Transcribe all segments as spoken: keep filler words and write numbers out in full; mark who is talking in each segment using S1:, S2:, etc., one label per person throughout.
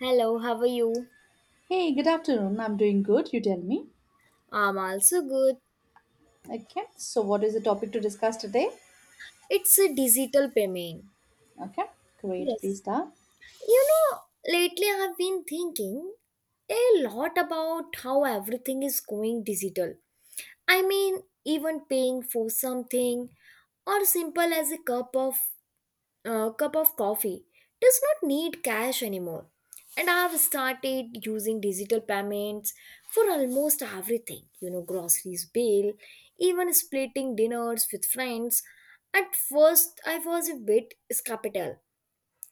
S1: Hello, how are you?
S2: Hey, good afternoon. I'm doing good. You tell me.
S1: I'm also good.
S2: Okay. So, what is the topic to discuss today?
S1: It's a digital payment.
S2: Okay. Great. Please
S1: Yes.
S2: start.
S1: You know, lately I've been thinking a lot about how everything is going digital. I mean, even paying for something or simple as a cup of uh, cup of coffee does not need cash anymore. And I have started using digital payments for almost everything, you know, groceries bill, even splitting dinners with friends. At first, I was a bit skeptical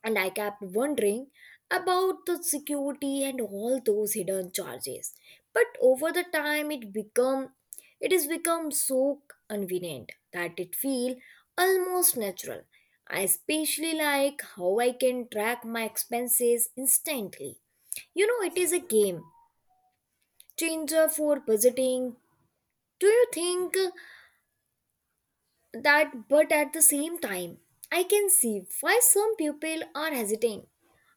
S1: and I kept wondering about the security and all those hidden charges. But over the time, it become it has become so convenient that it feel almost natural. I especially like how I can track my expenses instantly. You know, it is a game changer for budgeting. Do you think that? But at the same time, I can see why some people are hesitant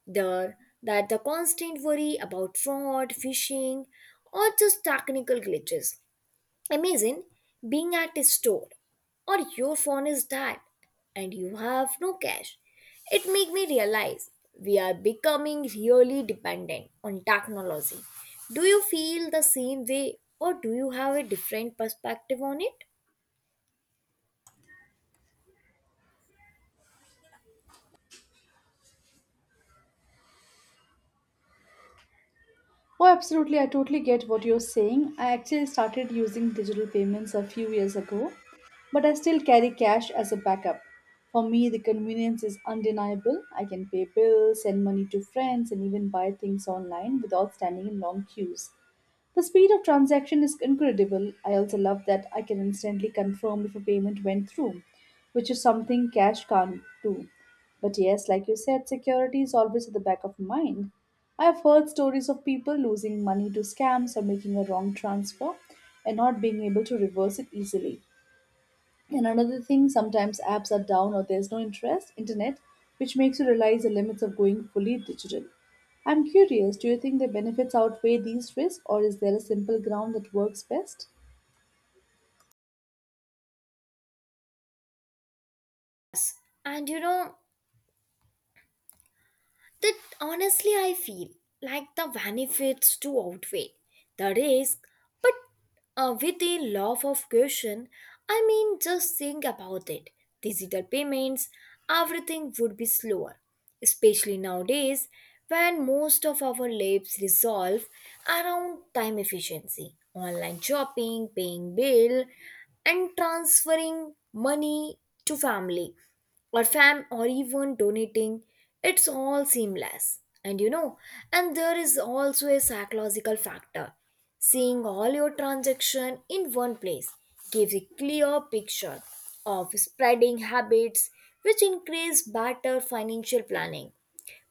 S1: there that the constant worry about fraud, phishing, or just technical glitches. Imagine being at a store or your phone is dead and you have no cash. It made me realize we are becoming really dependent on technology. Do you feel the same way or do you have a different perspective on it?
S2: Oh, absolutely. I totally get what you're saying. I actually started using digital payments a few years ago, but I still carry cash as a backup. For me, the convenience is undeniable. I can pay bills, send money to friends, and even buy things online without standing in long queues. The speed of transaction is incredible. I also love that I can instantly confirm if a payment went through, which is something cash can't do. But yes, like you said, security is always at the back of mind. I have heard stories of people losing money to scams or making a wrong transfer and not being able to reverse it easily. And another thing, sometimes apps are down or there's no interest, internet, which makes you realize the limits of going fully digital. I'm curious, do you think the benefits outweigh these risks, or is there a simple ground that works best?
S1: And you know, that honestly I feel like the benefits to outweigh the risk, but uh, with a love of caution, I mean, just think about it. Digital payments, everything would be slower, especially nowadays when most of our lives resolve around time efficiency, online shopping, paying bill, and transferring money to family or fam or even donating, it's all seamless, and you know, and there is also a psychological factor, seeing all your transaction in one place gives a clear picture of spreading habits which increase better financial planning,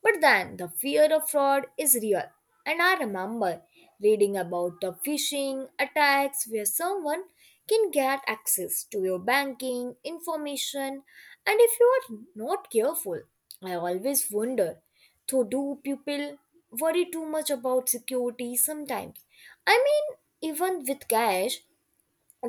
S1: but then the fear of fraud is real. And I remember reading about the phishing attacks where someone can get access to your banking information. And if you are not careful, I always wonder though, do people worry too much about security sometimes? I mean, even with cash,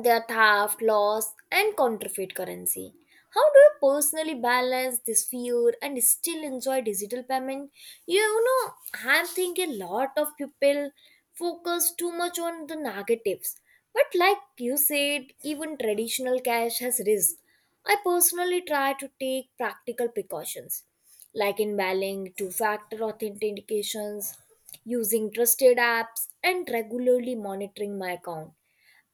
S1: their theft, loss, and counterfeit currency. How do you personally balance this fear and still enjoy digital payment? You know, I'm thinking a lot of people focus too much on the negatives. But like you said, even traditional cash has risk. I personally try to take practical precautions, like emailing two-factor authentications, using trusted apps, and regularly monitoring my account,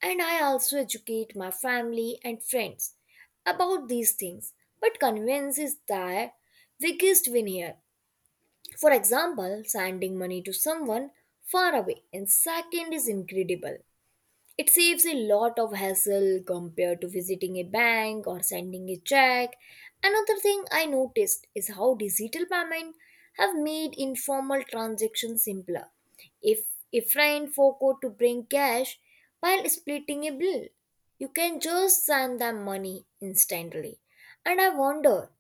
S1: and I also educate my family and friends about these things. But convenience is their biggest win here. For example, sending money to someone far away in second is incredible. It saves a lot of hassle compared to visiting a bank or sending a check. Another thing I noticed is how digital payments have made informal transactions simpler. If a friend forgot to bring cash while splitting a bill, you can just send them money instantly. And I wonder,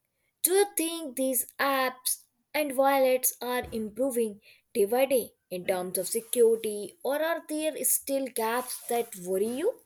S1: do you think these apps and wallets are improving day by day in terms of security, or are there still gaps that worry you?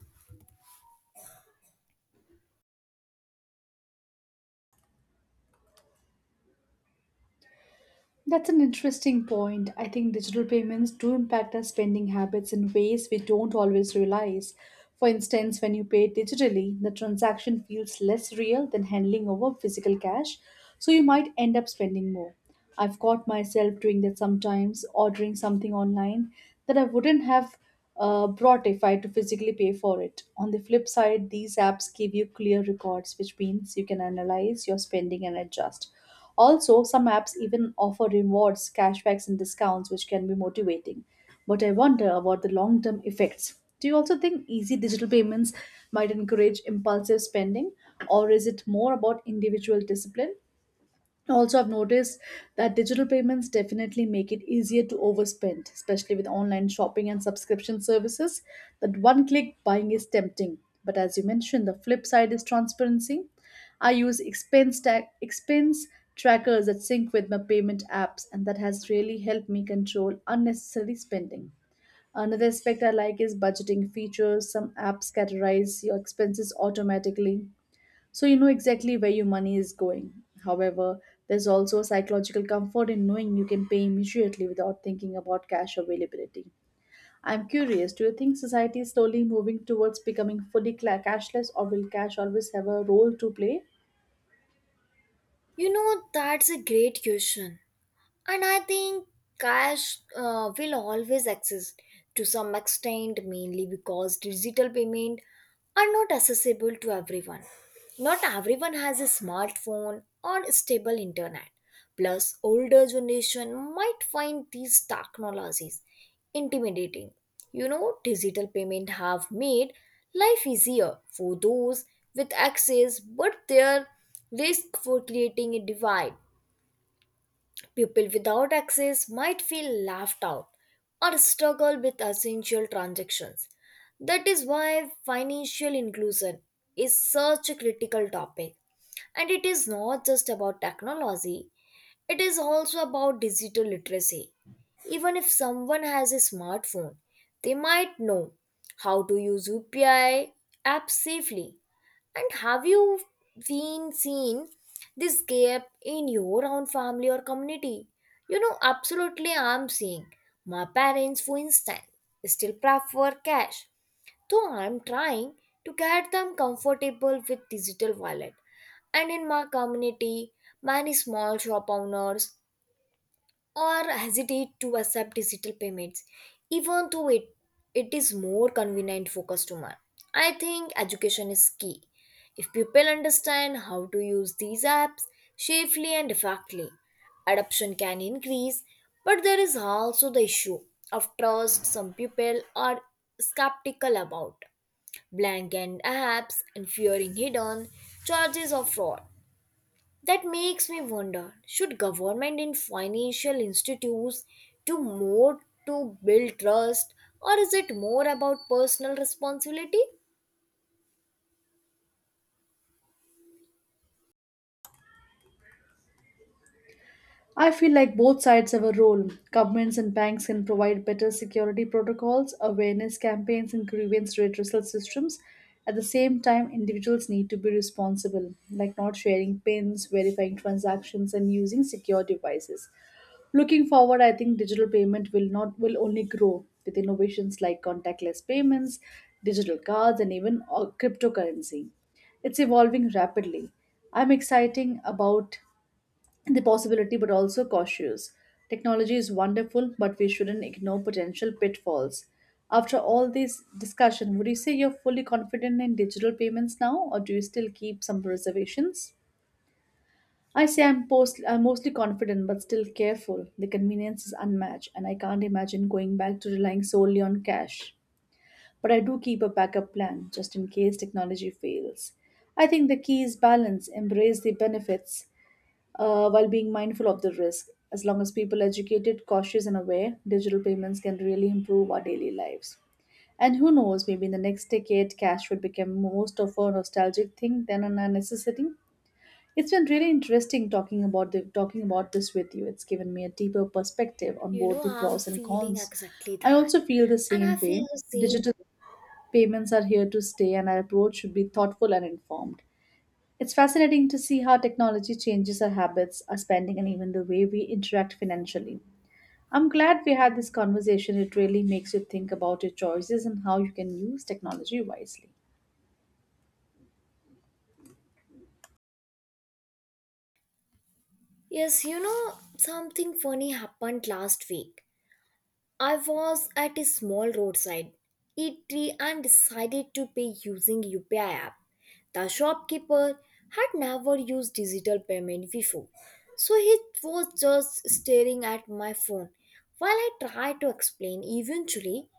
S2: That's an interesting point. I think digital payments do impact our spending habits in ways we don't always realize. For instance, when you pay digitally, the transaction feels less real than handling over physical cash, so you might end up spending more. I've caught myself doing that sometimes, ordering something online that I wouldn't have uh, brought if I had to physically pay for it. On the flip side, these apps give you clear records, which means you can analyze your spending and adjust. Also, some apps even offer rewards, cashbacks, and discounts, which can be motivating. But I wonder about the long term effects. Do you also think easy digital payments might encourage impulsive spending, or is it more about individual discipline? Also, I've noticed that digital payments definitely make it easier to overspend, especially with online shopping and subscription services. That one click buying is tempting, but as you mentioned, the flip side is transparency. I use expense ta- expense trackers that sync with my payment apps, and that has really helped me control unnecessary spending. Another aspect I like is budgeting features. Some apps categorize your expenses automatically, so you know exactly where your money is going. However, there's also a psychological comfort in knowing you can pay immediately without thinking about cash availability. I'm curious, do you think society is slowly moving towards becoming fully cla- cashless, or will cash always have a role to play?
S1: You know, that's a great question. And I think cash uh, will always exist to some extent, mainly because digital payment are not accessible to everyone. Not everyone has a smartphone or stable internet. Plus, older generation might find these technologies intimidating. You know, digital payment have made life easier for those with access, but there risk for creating a divide. People without access might feel laughed out or struggle with essential transactions. That is why financial inclusion is such a critical topic. And it is not just about technology, it is also about digital literacy. Even if someone has a smartphone, they might know how to use U P I app safely. And have you been seen this gap in your own family or community? You know, absolutely, I'm seeing my parents, for instance, still prefer cash, though I'm trying to get them comfortable with digital wallet. And in my community, many small shop owners or hesitate to accept digital payments, even though it, it is more convenient for to. I think education is key. If people understand how to use these apps safely and effectively, adoption can increase, but there is also the issue of trust. Some people are skeptical about blank end apps and fearing hidden charges of fraud. That makes me wonder, should government and financial institutes do more to build trust or is it more about personal responsibility?
S2: I feel like both sides have a role. Governments and banks can provide better security protocols, awareness campaigns, and grievance redressal systems. At the same time, individuals need to be responsible, like not sharing pins, verifying transactions, and using secure devices. Looking forward, I think digital payment will not will only grow with innovations like contactless payments, digital cards, and even uh, cryptocurrency. It's evolving rapidly. I'm exciting about the possibility but also cautious. Technology is wonderful, but we shouldn't ignore potential pitfalls. After all this discussion, would you say you're fully confident in digital payments now, or do you still keep some reservations? I say I'm, post- I'm mostly confident but still careful. The convenience is unmatched, and I can't imagine going back to relying solely on cash. But I do keep a backup plan just in case technology fails. I think the key is balance. Embrace the benefits, uh, while being mindful of the risk. As long as people are educated, cautious, and aware, digital payments can really improve our daily lives. And who knows, maybe in the next decade, cash would become most of a nostalgic thing than a necessity. It's been really interesting talking about the, talking about this with you. It's given me a deeper perspective on
S1: You
S2: both
S1: know,
S2: the
S1: I'm
S2: pros and
S1: feeling
S2: cons.
S1: exactly
S2: I
S1: that.
S2: also feel the
S1: And I
S2: same
S1: feel
S2: way.
S1: the same.
S2: Digital payments are here to stay, and our approach should be thoughtful and informed. It's fascinating to see how technology changes our habits, our spending, and even the way we interact financially. I'm glad we had this conversation. It really makes you think about your choices and how you can use technology wisely.
S1: Yes, you know, something funny happened last week. I was at a small roadside eatery and decided to pay using U P I app. The shopkeeper had never used digital payment before, so he was just staring at my phone while I tried to explain. Eventually,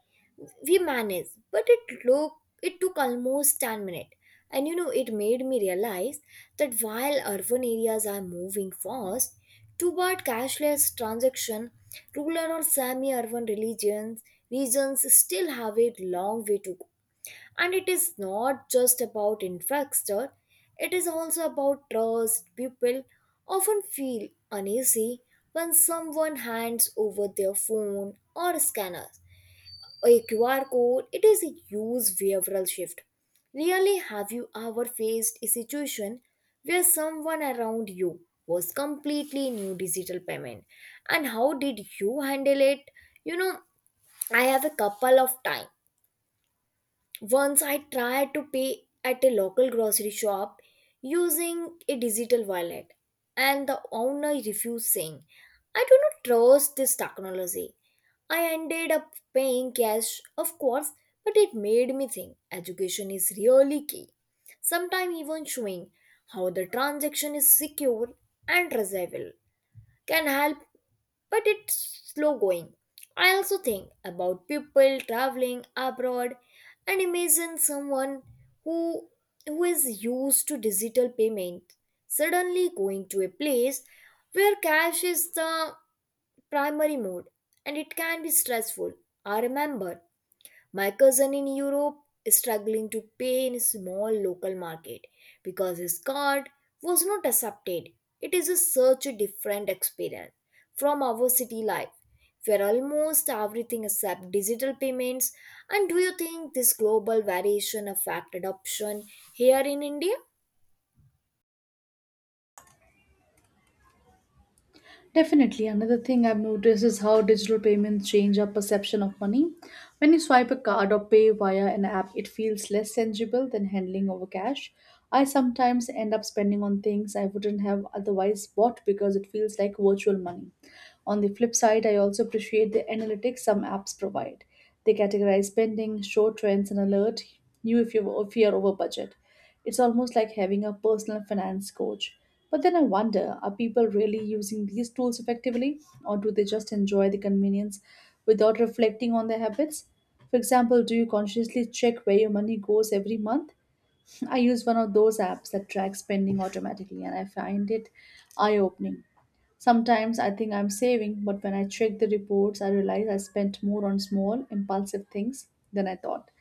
S1: we managed, but it look it took almost ten minutes. And you know, it made me realize that while urban areas are moving fast toward cashless transaction, rural or semi-urban religions regions still have a long way to go. And it is not just about infrastructure, it is also about trust. People often feel uneasy when someone hands over their phone or scanner a Q R code. It is a huge behavioral shift. Really, have you ever faced a situation where someone around you was completely new digital payment? And how did you handle it? You know, I have a couple of time. Once I tried to pay at a local grocery shop using a digital wallet, and the owner refused, saying, I do not trust this technology. I ended up paying cash, of course, but it made me think education is really key. Sometimes, even showing how the transaction is secure and traceable can help, but it's slow going. I also think about people traveling abroad, and imagine someone who who is used to digital payment suddenly going to a place where cash is the primary mode, and it can be stressful. I remember my cousin in Europe is struggling to pay in a small local market because his card was not accepted. It is a such a different experience from our city life, where almost everything except digital payments. And do you think this global variation affect adoption here in India?
S2: Definitely. Another thing I've noticed is how digital payments change our perception of money. When you swipe a card or pay via an app, it feels less tangible than handling over cash. I sometimes end up spending on things I wouldn't have otherwise bought because it feels like virtual money. On the flip side, I also appreciate the analytics some apps provide. They categorize spending, show trends, and alert you if you're, if you're over budget. It's almost like having a personal finance coach. But then I wonder, are people really using these tools effectively, or do they just enjoy the convenience without reflecting on their habits? For example, do you consciously check where your money goes every month? I use one of those apps that tracks spending automatically, and I find it eye opening. Sometimes I think I'm saving, but when I check the reports, I realize I spent more on small, impulsive things than I thought.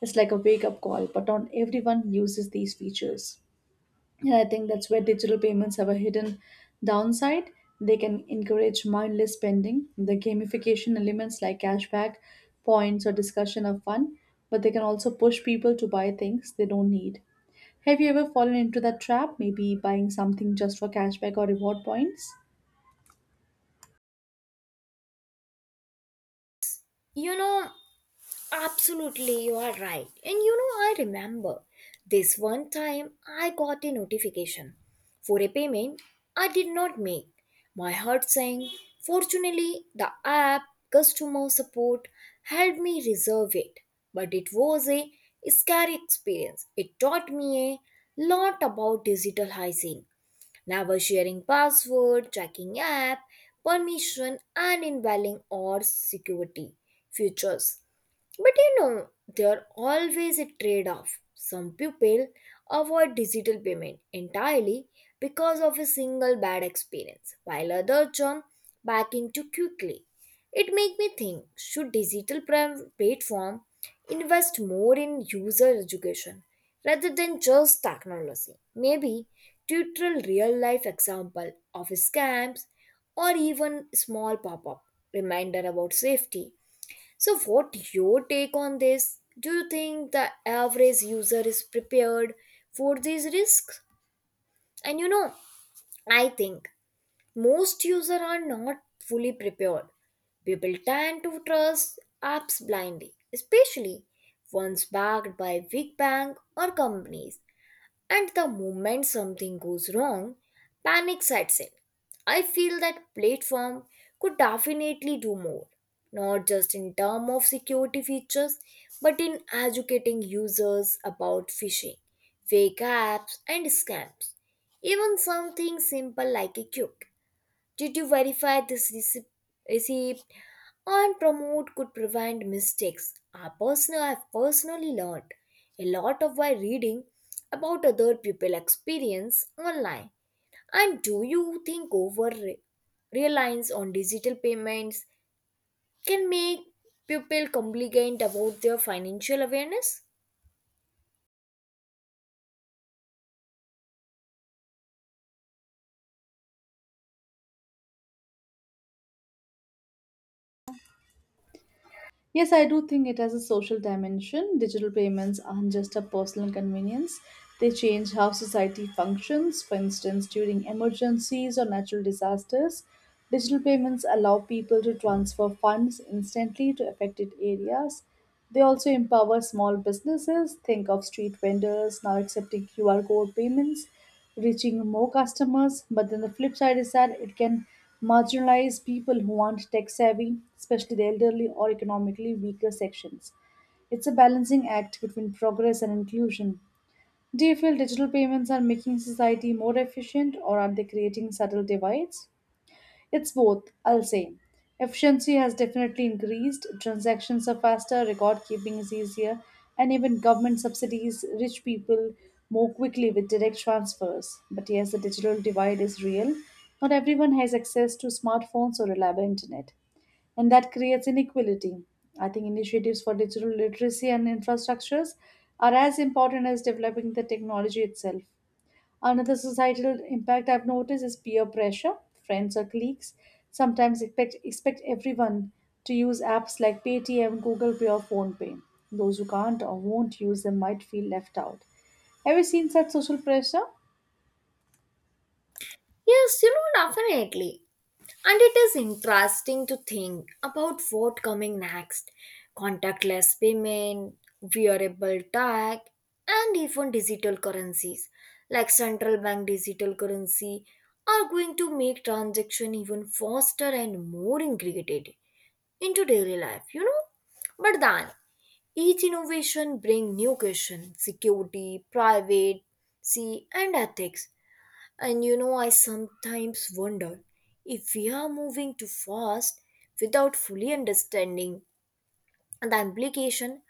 S2: It's like a wake up call, but not everyone uses these features. And I think that's where digital payments have a hidden downside. They can encourage mindless spending. The gamification elements like cashback, points, or discussion are fun, but they can also push people to buy things they don't need. Have you ever fallen into that trap, maybe buying something just for cashback or reward points?
S1: You know, absolutely, you are right. And you know, I remember this one time I got a notification for a payment I did not make. My heart sank. Fortunately, the app customer support helped me reserve it. But it was a scary experience. It taught me a lot about digital hygiene. Never sharing password, checking app, permission, and invalid or security features. But you know, there always a trade off. Some people avoid digital payment entirely because of a single bad experience, while others jump back in too quickly. It makes me think, should digital pram- platform invest more in user education rather than just technology? Maybe tutorial real life example of scams or even small pop up reminder about safety. So, what your take on this? Do you think the average user is prepared for these risks? And you know, I think most users are not fully prepared. People tend to trust apps blindly, especially ones backed by big bank or companies, and the moment something goes wrong, panic sets in. I feel that platform could definitely do more, not just in terms of security features, but in educating users about phishing, fake apps, and scams. Even something simple like a cube, did you verify this receipt receipt and promote, could prevent mistakes? I personally, I personally learned a lot of by reading about other people experience online. And do you think over re- reliance on digital payments can make people compliant about their financial awareness?
S2: Yes, I do think it has a social dimension. Digital payments aren't just a personal convenience, they change how society functions. For instance, during emergencies or natural disasters, digital payments allow people to transfer funds instantly to affected areas. They also empower small businesses. Think of street vendors now accepting Q R code payments, reaching more customers. But then the flip side is that it can marginalize people who aren't tech savvy, especially the elderly or economically weaker sections. It's a balancing act between progress and inclusion. Do you feel digital payments are making society more efficient, or are they creating subtle divides? It's both, I'll say. Efficiency has definitely increased. Transactions are faster, record keeping is easier, and even government subsidies reach people more quickly with direct transfers. But yes, the digital divide is real. Not everyone has access to smartphones or reliable internet, and that creates inequality. I think initiatives for digital literacy and infrastructures are as important as developing the technology itself. Another societal impact I've noticed is peer pressure. Friends or colleagues sometimes expect, expect everyone to use apps like Paytm, Google Pay, or PhonePe. Those who can't or won't use them might feel left out. Have you seen such social pressure?
S1: Yes, you know, definitely. And it is interesting to think about what coming next, contactless payment, wearable tag, and even digital currencies like central bank digital currency are going to make transaction even faster and more integrated into daily life, you know. But then each innovation bring new question, security, privacy, and ethics. And you know, I sometimes wonder if we are moving too fast without fully understanding the implication.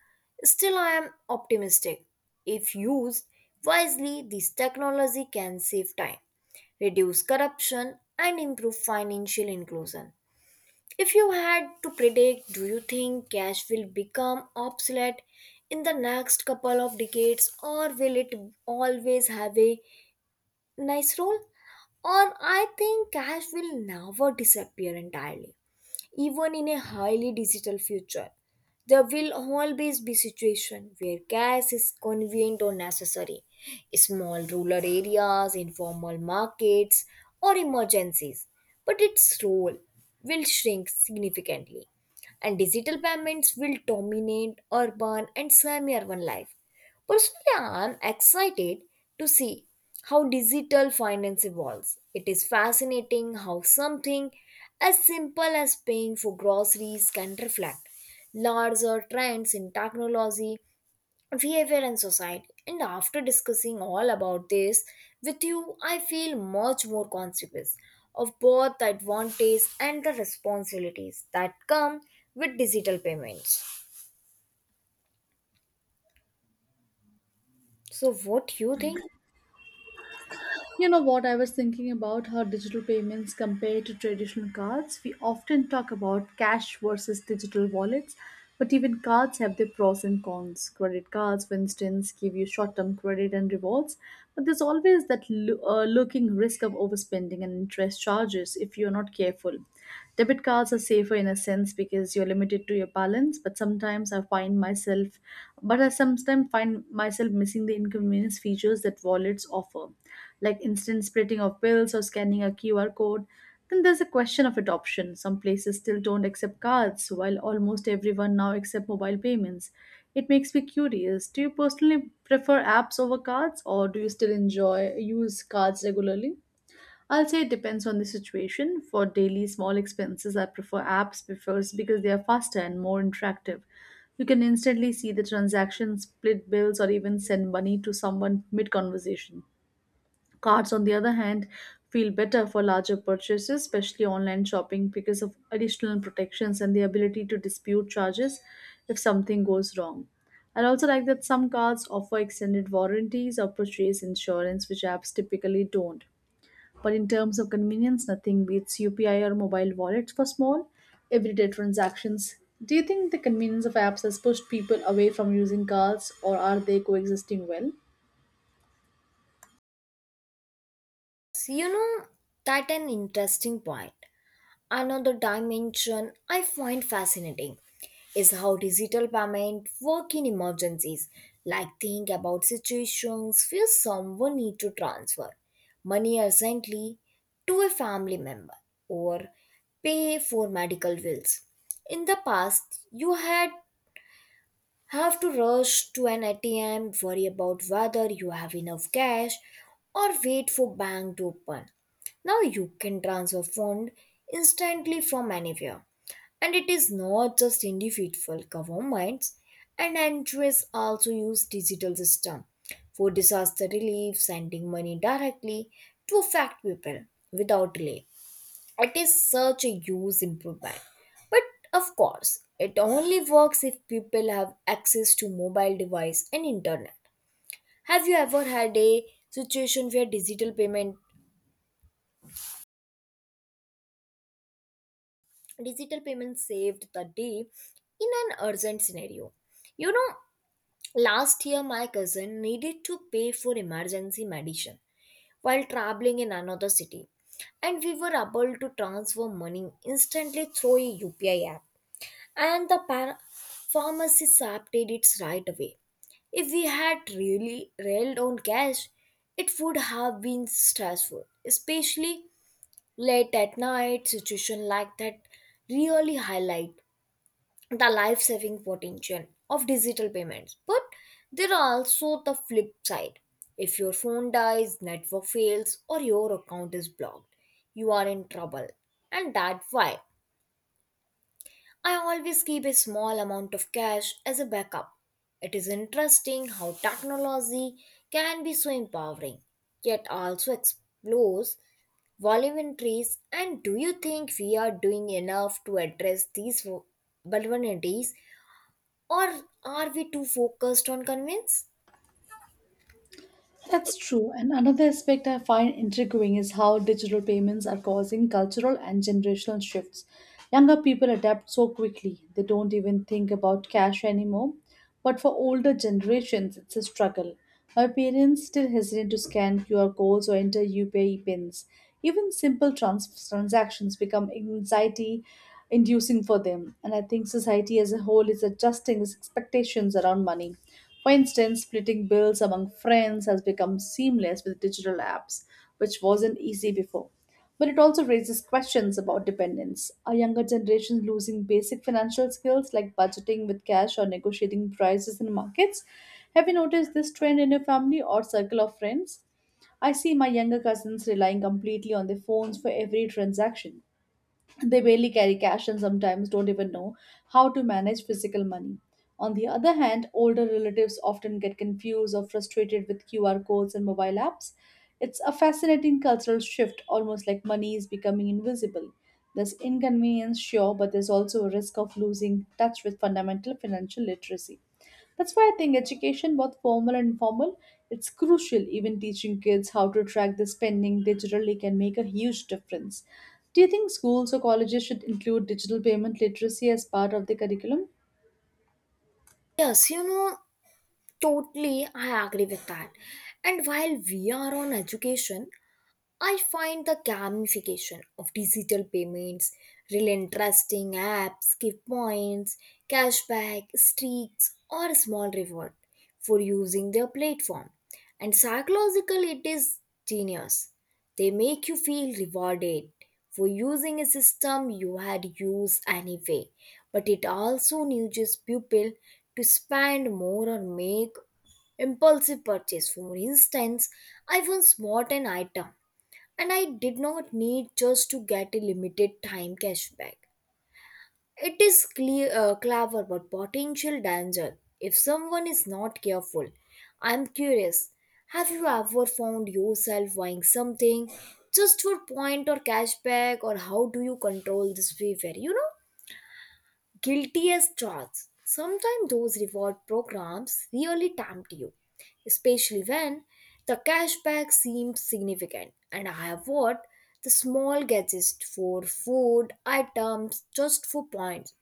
S1: Still, I am optimistic. If used wisely, this technology can save time, reduce corruption, and improve financial inclusion. If you had to predict, do you think cash will become obsolete in the next couple of decades, or will it always have a nice role? Or I think cash will never disappear entirely. Even in a highly digital future, there will always be situation where cash is convenient or necessary, small rural areas, informal markets, or emergencies, but its role will shrink significantly, and digital payments will dominate urban and semi urban life. Personally, I am excited to see how digital finance evolves. It is fascinating how something as simple as paying for groceries can reflect larger trends in technology, behavior and society. And after discussing all about this with you, i feel much more conscious of both the advantages and the responsibilities that come with digital payments. So what you think?
S2: You know what? I was thinking about how digital payments compare to traditional cards. We often talk about cash versus digital wallets, but even cards have their pros and cons. Credit cards, for instance, give you short term credit and rewards, but there's always that lo- uh, lurking risk of overspending and interest charges if you're not careful. Debit cards are safer in a sense because you're limited to your balance, but but sometimes I find myself, but I sometimes find myself missing the inconvenience features that wallets offer, like instant splitting of bills or scanning a Q R code. Then there's a question of adoption. Some places still don't accept cards, while almost everyone now accepts mobile payments. It makes me curious. Do you personally prefer apps over cards, or do you still enjoy use cards regularly? I'll say it depends on the situation. For daily small expenses, I prefer apps before because they are faster and more interactive. You can instantly see the transaction, split bills, or even send money to someone mid conversation. Cards, on the other hand, feel better for larger purchases, especially online shopping, because of additional protections and the ability to dispute charges if something goes wrong. I also like that some cards offer extended warranties or purchase insurance, which apps typically don't. But in terms of convenience, nothing beats U P I or mobile wallets for small, everyday transactions. Do you think the convenience of apps has pushed people away from using cards, or are they coexisting well?
S1: You know, that an interesting point. Another dimension I find fascinating is how digital payment work in emergencies. Like, think about situations where someone need to transfer money urgently to a family member or pay for medical bills. In the past, you had have to rush to an A T M, worry about whether you have enough cash, or wait for bank to open. Now you can transfer fund instantly from anywhere. And it is not just individual, governments and N G Os also use digital system for disaster relief, sending money directly to affect people without delay. It is such a huge improvement. But of course, it only works if people have access to mobile device and internet. Have you ever had a situation where digital payment digital payment saved the day in an urgent scenario? You know, last year my cousin needed to pay for emergency medicine while traveling in another city, and we were able to transfer money instantly through a U P I app. And the par- pharmacist updated it right away. If we had really railed on cash, it would have been stressful, especially late at night. Situation like that really highlight the life-saving potential of digital payments. But there are also the flip side. If your phone dies, network fails, or your account is blocked, you are in trouble. And that's why I always keep a small amount of cash as a backup. It is interesting how technology can be so empowering, yet also explores vulnerabilities. And do you think we are doing enough to address these vu- vulnerabilities, or are we too focused on convenience?
S2: That's true. And another aspect I find intriguing is how digital payments are causing cultural and generational shifts. Younger people adapt so quickly, they don't even think about cash anymore. But for older generations, it's a struggle. My parents still hesitate to scan Q R codes or enter U P I pins. Even simple trans- transactions become anxiety inducing for them. And I think society as a whole is adjusting its expectations around money. For instance, splitting bills among friends has become seamless with digital apps, which wasn't easy before. But it also raises questions about dependence. Are younger generations losing basic financial skills like budgeting with cash or negotiating prices in markets? Have you noticed this trend in your family or circle of friends? I see my younger cousins relying completely on their phones for every transaction. They barely carry cash and sometimes don't even know how to manage physical money. On the other hand, older relatives often get confused or frustrated with Q R codes and mobile apps. It's a fascinating cultural shift, almost like money is becoming invisible. There's inconvenience, sure, but there's also a risk of losing touch with fundamental financial literacy. That's why I think education, both formal and informal, it's crucial. Even teaching kids how to track their spending digitally can make a huge difference. Do you think schools or colleges should include digital payment literacy as part of the curriculum?
S1: Yes, you know, totally, I agree with that. And while we are on education, I find the gamification of digital payments, real interesting. Apps give points, cashback, streaks, or small reward for using their platform. And psychologically, it is genius. They make you feel rewarded for using a system you had used anyway, but it also nudges people to spend more or make impulsive purchase. For instance, I once bought an item and I did not need, just to get a limited time cashback. It is clear, uh, clever, but potential danger if someone is not careful. I'm curious, have you ever found yourself buying something just for point or cashback, or how do you control this behavior? You know? Guilty as charged. Sometimes those reward programs really tempt you, especially when the cashback seems significant. And I have bought the small gadgets for food items just for points,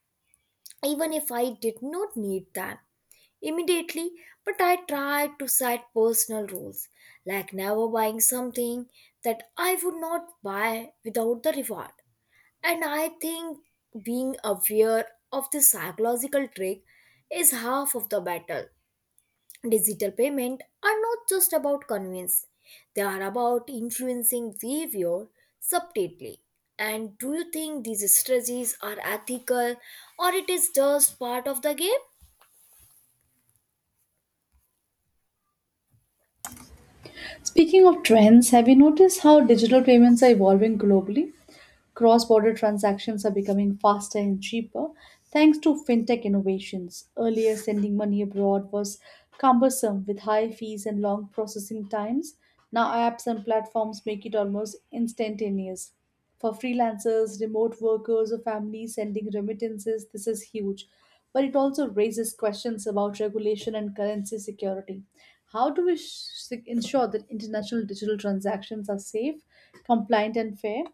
S1: even if I did not need them immediately. But I tried to set personal rules, like never buying something that I would not buy without the reward. And I think being aware of the psychological trick is half of the battle. Digital payments are not just about convenience, they are about influencing behavior subtly. And do you think these strategies are ethical, or it is just part of the game?
S2: Speaking of trends, have you noticed how digital payments are evolving globally? Cross border transactions are becoming faster and cheaper thanks to fintech innovations. Earlier, sending money abroad was cumbersome with high fees and long processing times. Now, apps and platforms make it almost instantaneous. For freelancers, remote workers, or families sending remittances, this is huge. But it also raises questions about regulation and currency security. How do we sh- ensure that international digital transactions are safe, compliant, and fair?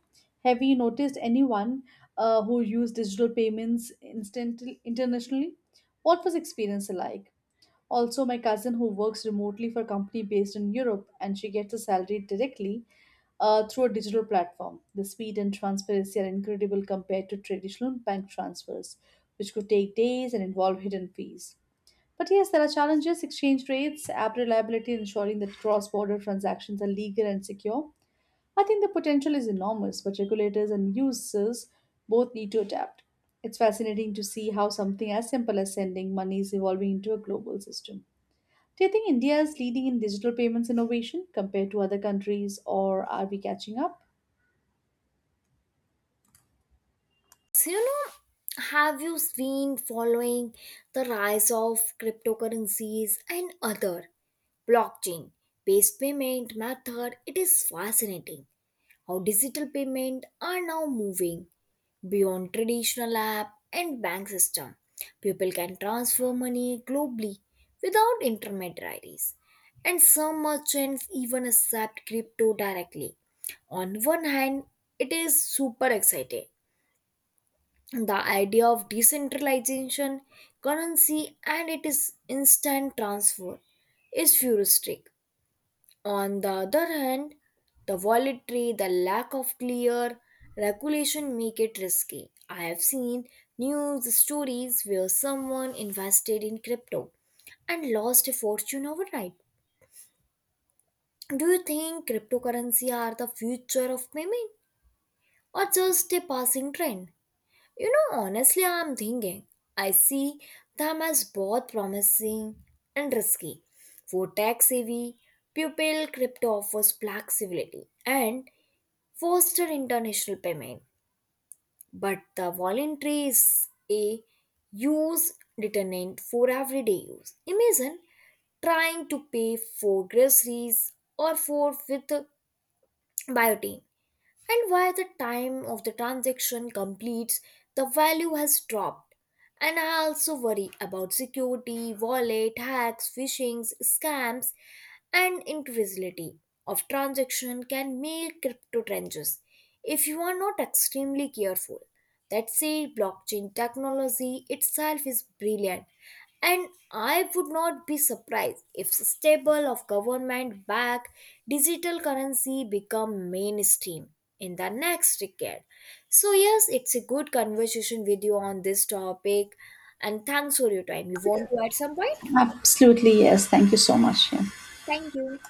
S2: Have you noticed anyone uh, who used digital payments instant- internationally? What was experience like? Also, my cousin who works remotely for a company based in Europe, and she gets a salary directly uh, through a digital platform. The speed and transparency are incredible compared to traditional bank transfers, which could take days and involve hidden fees. But yes, there are challenges: exchange rates, app reliability, ensuring that cross border transactions are legal and secure. I think the potential is enormous, but regulators and users both need to adapt. It's fascinating to see how something as simple as sending money is evolving into a global system. Do you think India is leading in digital payments innovation compared to other countries, or are we catching up?
S1: So, you know, have you been following the rise of cryptocurrencies and other blockchain based payment method? It is fascinating how digital payment are now moving beyond traditional app and bank system. People can transfer money globally without intermediaries, and some merchants even accept crypto directly. On one hand, it is super exciting. The idea of decentralization, currency, and it is instant transfer is futuristic. On the other hand, the volatility, the lack of clear regulation make it risky. I have seen news stories where someone invested in crypto and lost a fortune overnight. Do you think cryptocurrency are the future of payment, or just a passing trend? You know, honestly, I'm thinking. I see them as both promising and risky. For tech savvy, Pupil Crypto offers flexibility and foster international payment. But the voluntary is a use determinant for everyday use. Imagine trying to pay for groceries or for with biotin, and while the time of the transaction completes, the value has dropped. And I also worry about security, wallet, hacks, phishing, scams, and invisibility of transaction can make crypto trenches if you are not extremely careful. That said, blockchain technology itself is brilliant, and I would not be surprised if the stable of government backed digital currency become mainstream in the next decade. So yes, it's a good conversation with you on this topic, and thanks for your time. You want to add some point?
S2: Absolutely, yes. Thank you so much. Yeah.
S1: Thank you.